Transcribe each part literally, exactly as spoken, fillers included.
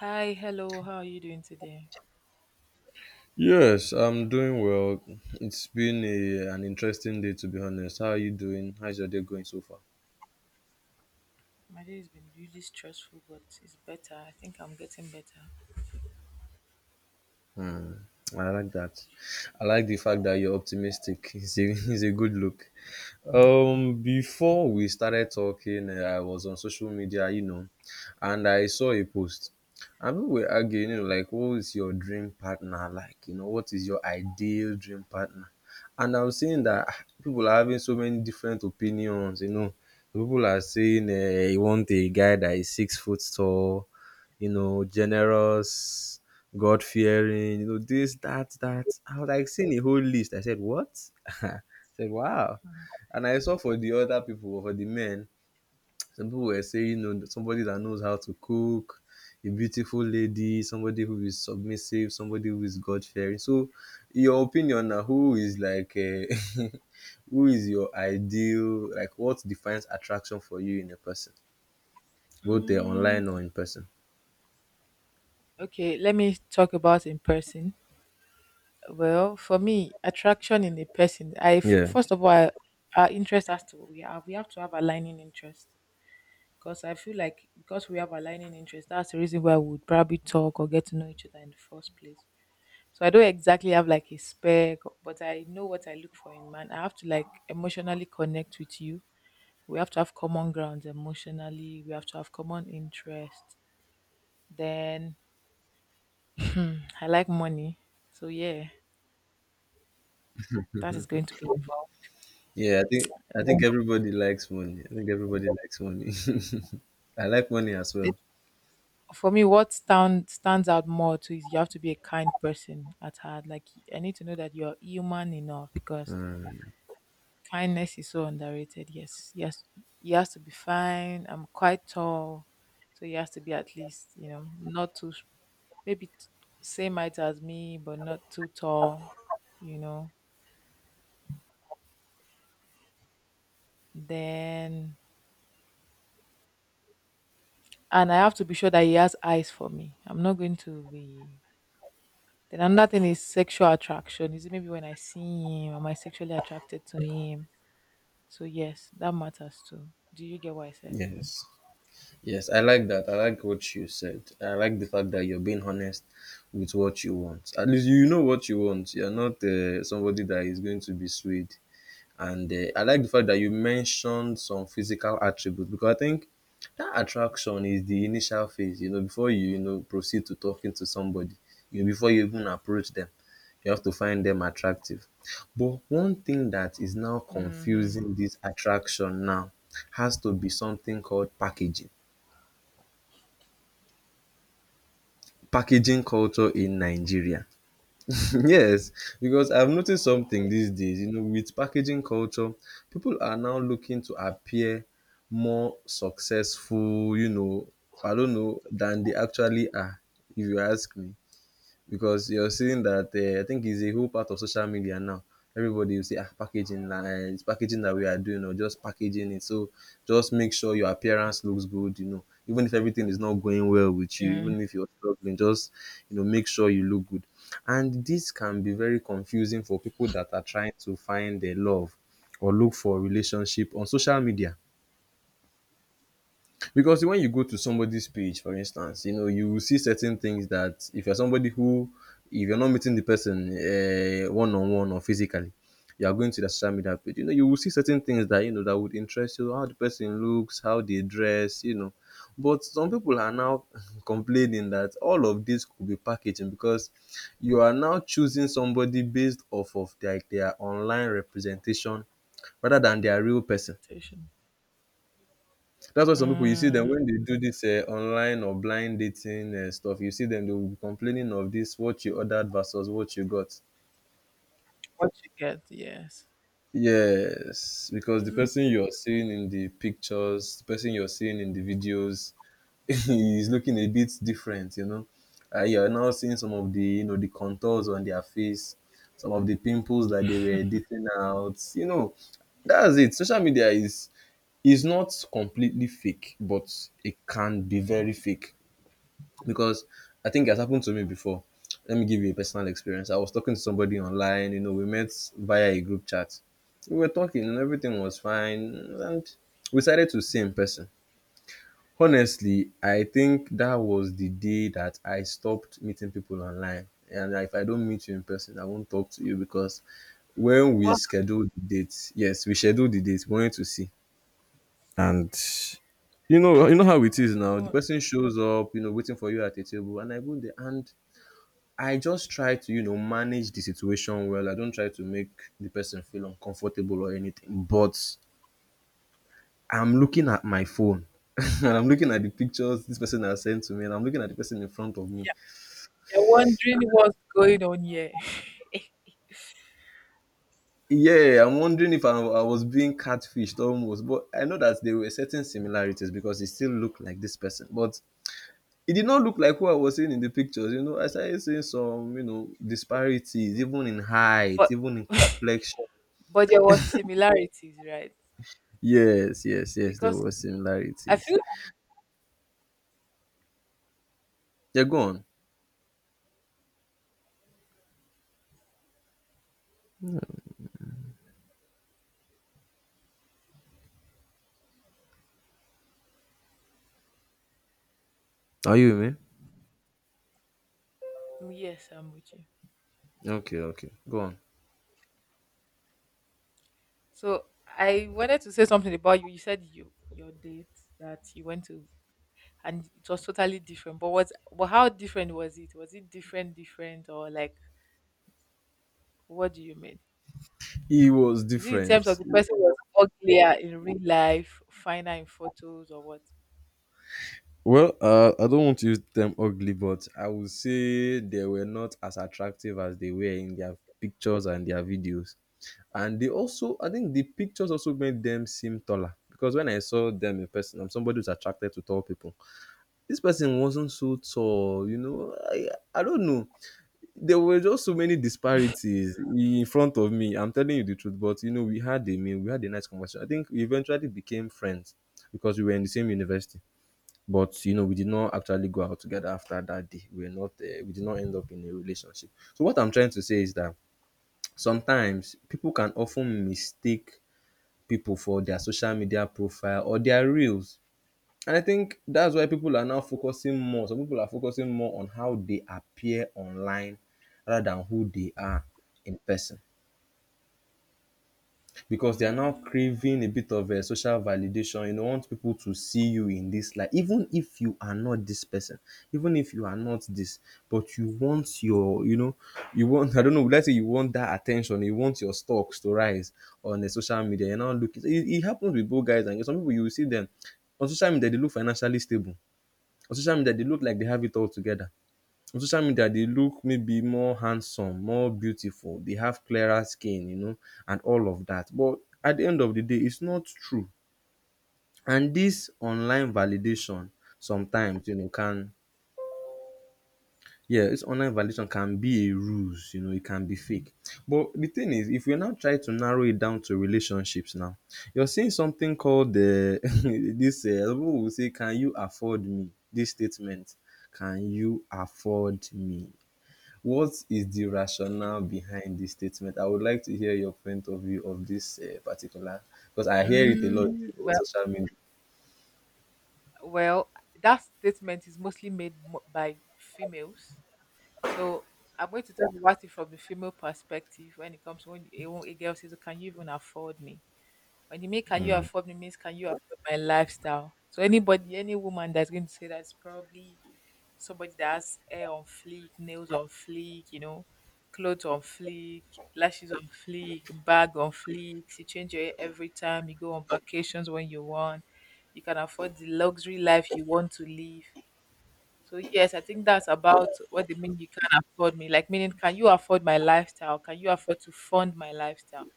Hi, hello, how are you doing today? Yes, I'm doing well. It's been a, an interesting day, to be honest. How are you doing? How's your day going so far? My day has been really stressful, but it's better. I think I'm getting better. Hmm. I like that. I like the fact that you're optimistic. It's a, it's a good look. Um, before we started talking, uh, I was on social media, you know, and I saw a post. And people were arguing, you know, like, what is your dream partner like? You know, what is your ideal dream partner? And I'm seeing that ah, people are having so many different opinions, you know. People are saying uh, you want a guy that is six foot tall, you know, generous, God fearing, you know, this, that, that. I was like seeing a whole list. I said, what? I said, wow. And I saw for the other people, for the men, some people were saying, you know, somebody that knows how to cook, a beautiful lady, somebody who is submissive, somebody who is God fearing. So, in your opinion now, who is like, uh, who is your ideal? Like, what defines attraction for you in a person, both uh, Mm, online or in person? okay, let me talk about in person. Well, for me, attraction in a person, I f- Yeah. first of all, I, our interest has to we have we have to have aligning interest, because I feel like because we have aligning interest, that's the reason why we would probably talk or get to know each other in the first place. So I don't exactly have like a spec, but I know what I look for in man. I have to like emotionally connect with you. We have to have common grounds emotionally. We have to have common interests. Then I like money, so yeah, that is going to be involved. Yeah, I think I And think then everybody likes money. I think everybody likes money. I like money as it, well. for me, what stand, stands out more too is you have to be a kind person at heart. Like, I need to know that you're human enough, because Uh, kindness is so underrated. Yes, yes, he has to be fine. I'm quite tall, so he has to be at least, you know, not too, maybe t- same height as me, but not too tall, you know. Then, and I have to be sure that he has eyes for me. I'm not going to be. Then another thing is sexual attraction. Is it maybe when I see him, am I sexually attracted to him? So yes, that matters too. Do you get what I said? yes. Yes, I like that. I like what you said. I like the fact that you're being honest with what you want. At least you know what you want. You're not uh, somebody that is going to be swayed. And uh, I like the fact that you mentioned some physical attributes because I think that attraction is the initial phase. You know, before you you know proceed to talking to somebody, you know, before you even approach them, you have to find them attractive. But one thing that is now Mm-hmm. confusing this attraction now has to be something called packaging packaging culture in Nigeria. Yes, because I've noticed something these days, you know, with packaging culture, people are now looking to appear more successful, you know, I don't know, than they actually are, if you ask me because you're seeing that uh, I think it's a whole part of social media now. Everybody will say, ah, packaging, uh, it's packaging that we are doing, or just packaging it. So just make sure your appearance looks good, you know. Even if everything is not going well with you, mm even if you're struggling, just you know, make sure you look good. And this can be very confusing for people that are trying to find their love or look for a relationship on social media because when you go to somebody's page for instance you know you will see certain things that if you're somebody who if you're not meeting the person uh, one-on-one or physically you are going to the social media page, you know you will see certain things that you know that would interest you, how the person looks, how they dress, you know, but some people are now complaining that all of this could be packaging because you are now choosing somebody based off of like their online representation rather than their real person. Attention. That's why some people you see them when Mm. they do this uh, online or blind dating uh, stuff. You see them they will be complaining of this what you ordered versus what you got. What you get? Yes. Yes, because the Mm. person you're seeing in the pictures, the person you're seeing in the videos, is looking a bit different. You know, uh, you're now seeing some of the you know the contours on their face, some of the pimples that they were editing out. You know, that's it. Social media is is not completely fake, but it can be very fake. Because I think it has happened to me before. Let me give you a personal experience. I was talking to somebody online, you know, we met via a group chat. We were talking and everything was fine, and we decided to see in person. Honestly, I think that was the day that I stopped meeting people online. And if I don't meet you in person, I won't talk to you because when we What? scheduled the date, yes, we scheduled the date, we wanted to see. And you know, you know how it is now. The Go. person shows up, you know, waiting for you at a table, and I go there and I just try to, you know, manage the situation well. I don't try to make the person feel uncomfortable or anything. But I'm looking at my phone and I'm looking at the pictures this person has sent to me and I'm looking at the person in front of me. You're wondering what's going on here. Yeah, I'm wondering if I, I was being catfished almost. But I know that there were certain similarities because it still looked like this person. But it did not look like who I was seeing in the pictures. You know, I started seeing some, you know, disparities, even in height, But even in complexion. but there was similarities, right? Yes, yes, yes, there Because were I similarities. feel. Yeah, go on. Are you with Yes, I'm with you. me? Okay, okay. Go on. So I wanted to say something about you. You said you your date that you went to and it was totally different. But what, but how different was it? Was it different different or like, what do you mean? He was Is it in terms of different. the person was uglier in real life, finer in photos or what? Well, uh, I don't want to use the term ugly, but I would say they were not as attractive as they were in their pictures and their videos. And they also, I think the pictures also made them seem taller. Because when I saw them in person, I'm somebody who's attracted to tall people. This person wasn't so tall, you know. I, I don't know. There were just so many disparities in front of me. I'm telling you the truth, but you know, we had a meal, we had a nice conversation. I think we eventually became friends because we were in the same university. But you know, we did not actually go out together after that day. We were not, uh, we did not end up in a relationship. So what I'm trying to say is that sometimes people can often mistake people for their social media profile or their reels, and I think that's why people are now focusing more. Some people are focusing more on how they appear online rather than who they are in person because they are now Mm, craving a bit of a social validation. You know, want people to see you in this light, even if you are not this person, even if you are not this, but you want your, you know, you want. I don't know. Let's say you want that attention. You want your stocks to rise on the social media. You're now looking. It, it happens with both guys and girls. Some people. You will see them on social media. They look financially stable on social media, they look like they have it all together. On social media, they look maybe more handsome, more beautiful. They have clearer skin, you know, and all of that. But at the end of the day, it's not true. And this online validation sometimes, you know, can. Yeah, this online validation can be a ruse, you know, it can be fake. But the thing is, if you now try to narrow it down to relationships now, you're seeing something called the this, uh, people will say, can you afford me? This statement, can you afford me? What is the rationale behind this statement? I would like to hear your point of view of this uh, particular, because I hear it a lot mm, on well, social media. well that statement is mostly made mo- by females. So I'm going to talk about it from the female perspective when it comes to when a, wo- a girl says, "Oh, can you even afford me?" When you make can you afford me means can you afford my lifestyle? So anybody, any woman that's going to say that's probably somebody that has hair on fleek, nails on fleek, you know, clothes on fleek, lashes on fleek, bag on fleek. You change your hair every time. You go on vacations when you want. You can afford the luxury life you want to live. So yes, I think that's about what they mean. You can afford me, like, meaning, can you afford my lifestyle? Can you afford to fund my lifestyle?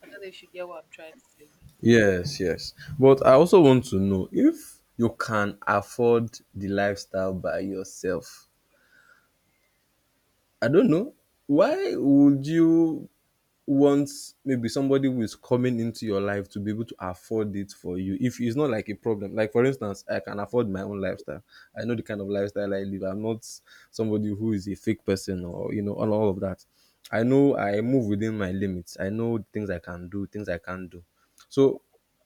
I thought they should get what I'm trying to say. Yes, yes. But I also want to know if you can afford the lifestyle by yourself. I don't know. Why would you want maybe somebody who is coming into your life to be able to afford it for you? If it's not like a problem, like for instance, I can afford my own lifestyle. I know the kind of lifestyle I live. I'm not somebody who is a fake person or, you know, all, all of that. I know I move within my limits. I know things I can do, things I can't do. So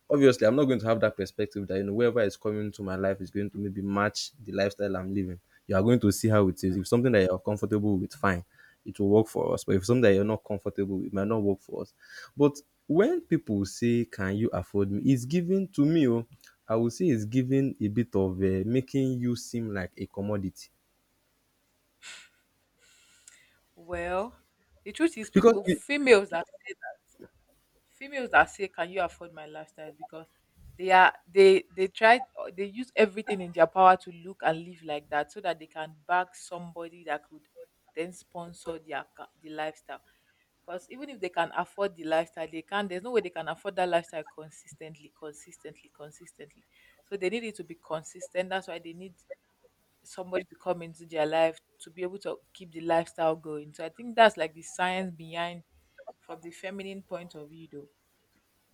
obviously, I'm not going to have that perspective that you know whoever is coming into my life is going to maybe match the lifestyle I'm living. You are going to see how it is. If something that you're comfortable with, fine, it will work for us. But if something that you're not comfortable with, it might not work for us. But when people say, "Can you afford me?" It's given to me. Oh, I would say it's given a bit of uh, making you seem like a commodity Well, the truth is, because people, it, females that say that, females that say, "Can you afford my lifestyle?" is because they are they they try they use everything in their power to look and live like that so that they can bag somebody that could then sponsor their ca- the lifestyle. Because even if they can afford the lifestyle, they can't. There's no way they can afford that lifestyle consistently, consistently, consistently. So they need it to be consistent. That's why they need somebody to come into their life to be able to keep the lifestyle going. So I think that's like the science behind, from the feminine point of view though.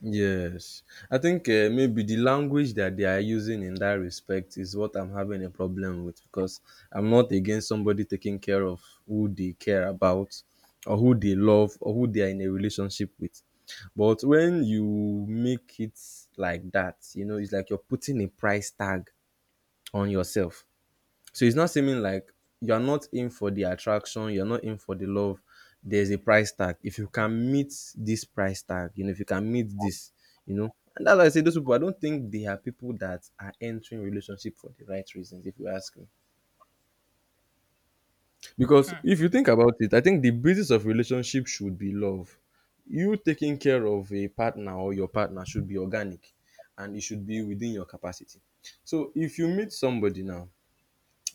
yes, I think uh, maybe the language that they are using in that respect is what I'm having a problem with because I'm not against somebody taking care of who they care about or who they love or who they are in a relationship with. But when you make it like that, you know, it's like you're putting a price tag on yourself. So it's not seeming like you're not in for the attraction, you're not in for the love. There's a price tag. If you can meet this price tag, you know, if you can meet this, you know. And that's why I say those people, I don't think they are people that are entering relationship for the right reasons, if you ask me. Because if you think about it, I think the basis of relationship should be love. You taking care of a partner or your partner should be organic and it should be within your capacity. So if you meet somebody now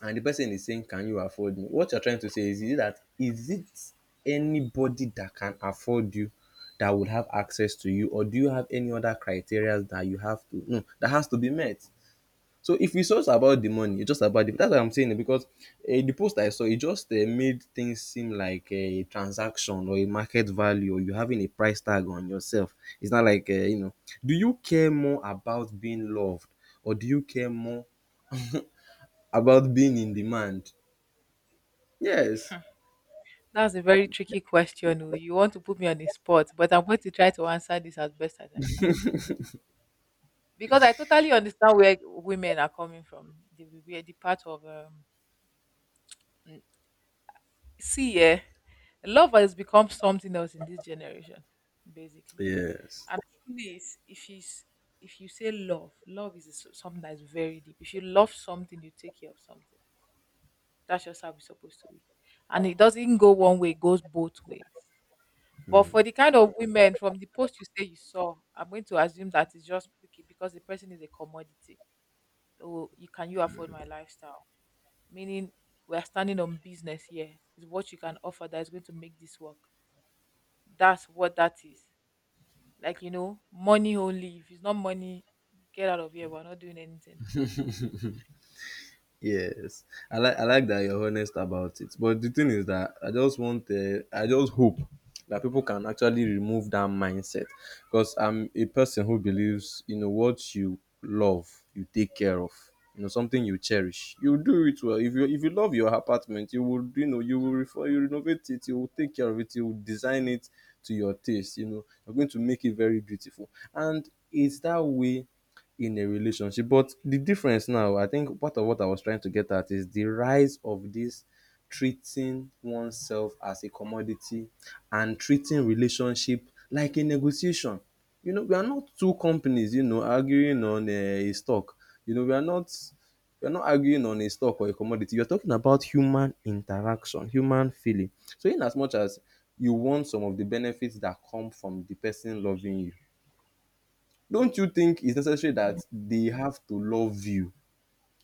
and the person is saying can you afford me, what you're trying to say is, is that is it anybody that can afford you that would have access to you, or do you have any other criteria that you have to no that has to be met? So if it's just about the money, it's just about the, that's what I'm saying, because uh, the post I saw, it just uh, made things seem like eh, a transaction or a market value or you having a price tag on yourself. It's not like uh, you know, do you care more about being loved or do you care more about being in demand? Yes. That's a very tricky question. Oh, you want to put me on the spot, but I'm going to try to answer this as best as I can. Because I totally understand where women are coming from. They will the part of um, mm, see, yeah, love has become something else in this generation, basically. Yes. And truly, is- if you s- if you say love, love is s- something that is very deep. If you love something, you take care of something. That's just how it's supposed to be. And it doesn't go one way; it goes both ways. But Mm. for the kind of women from the post you say you saw, I'm going to assume that it's just bec- because the person is a commodity. Oh, you can you afford my lifestyle? Meaning we are standing on business here. Is what you can offer that is going to make this work. That's what that is. Like, you know, money only. If it's not money, get out of here. We're not doing anything. Yes. I like I like that you're honest about it. But the thing is that I just want uh, I just hope that people can actually remove that mindset because I'm a person who believes you know what you love you take care of, you know, something you cherish you do it well, if you if you love your apartment you will you know you will refer you renovate it, you will take care of it, you will design it to your taste, you know, you're going to make it very beautiful, and it's that way in a relationship. But the difference now, I think part of what I was trying to get at is the rise of this treating oneself as a commodity and treating relationship like a negotiation. You know, we are not two companies, you know, arguing on eh, a, stock. You know, we are not we are not arguing on a stock or a commodity. You're talking about human interaction, human feeling. So in as much as you want some of the benefits that come from the person loving you, don't you think it's necessary that Mm. they have to love you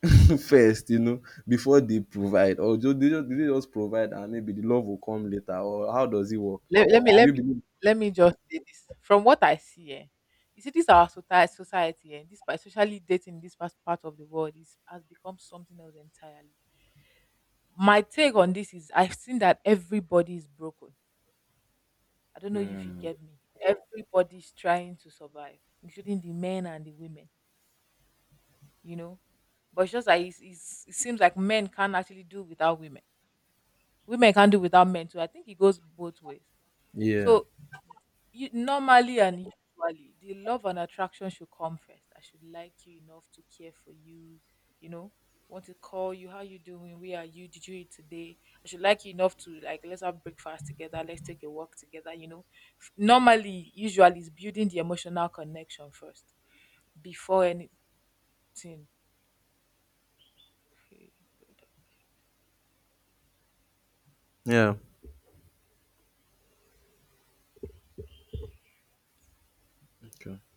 first, you know, before they provide? Or do they, just, do they just provide and maybe the love will come later? Or how does it work? Let, let me Do let you me believe? Let me just say this. From what I see, eh, you see, this our society, society and this, especially dating in this past part of the world, is has become something else entirely. My take on this is, I've seen that everybody is broken. I don't know if you Hmm, get me. Everybody's trying to survive, including the men and the women. You know, but it's just like it's, it's, it seems like men can't actually do without women, women can't do without men too. I think it goes both ways. yeah. So you normally and usually the love and attraction should come first. I should like you enough to care for you, you know, want to call you, how you doing? Where are you? Did you eat today? I should like you enough to like, let's have breakfast together, let's take a walk together, you know. F- Normally, usually is building the emotional connection first, before anything. Yeah. Okay.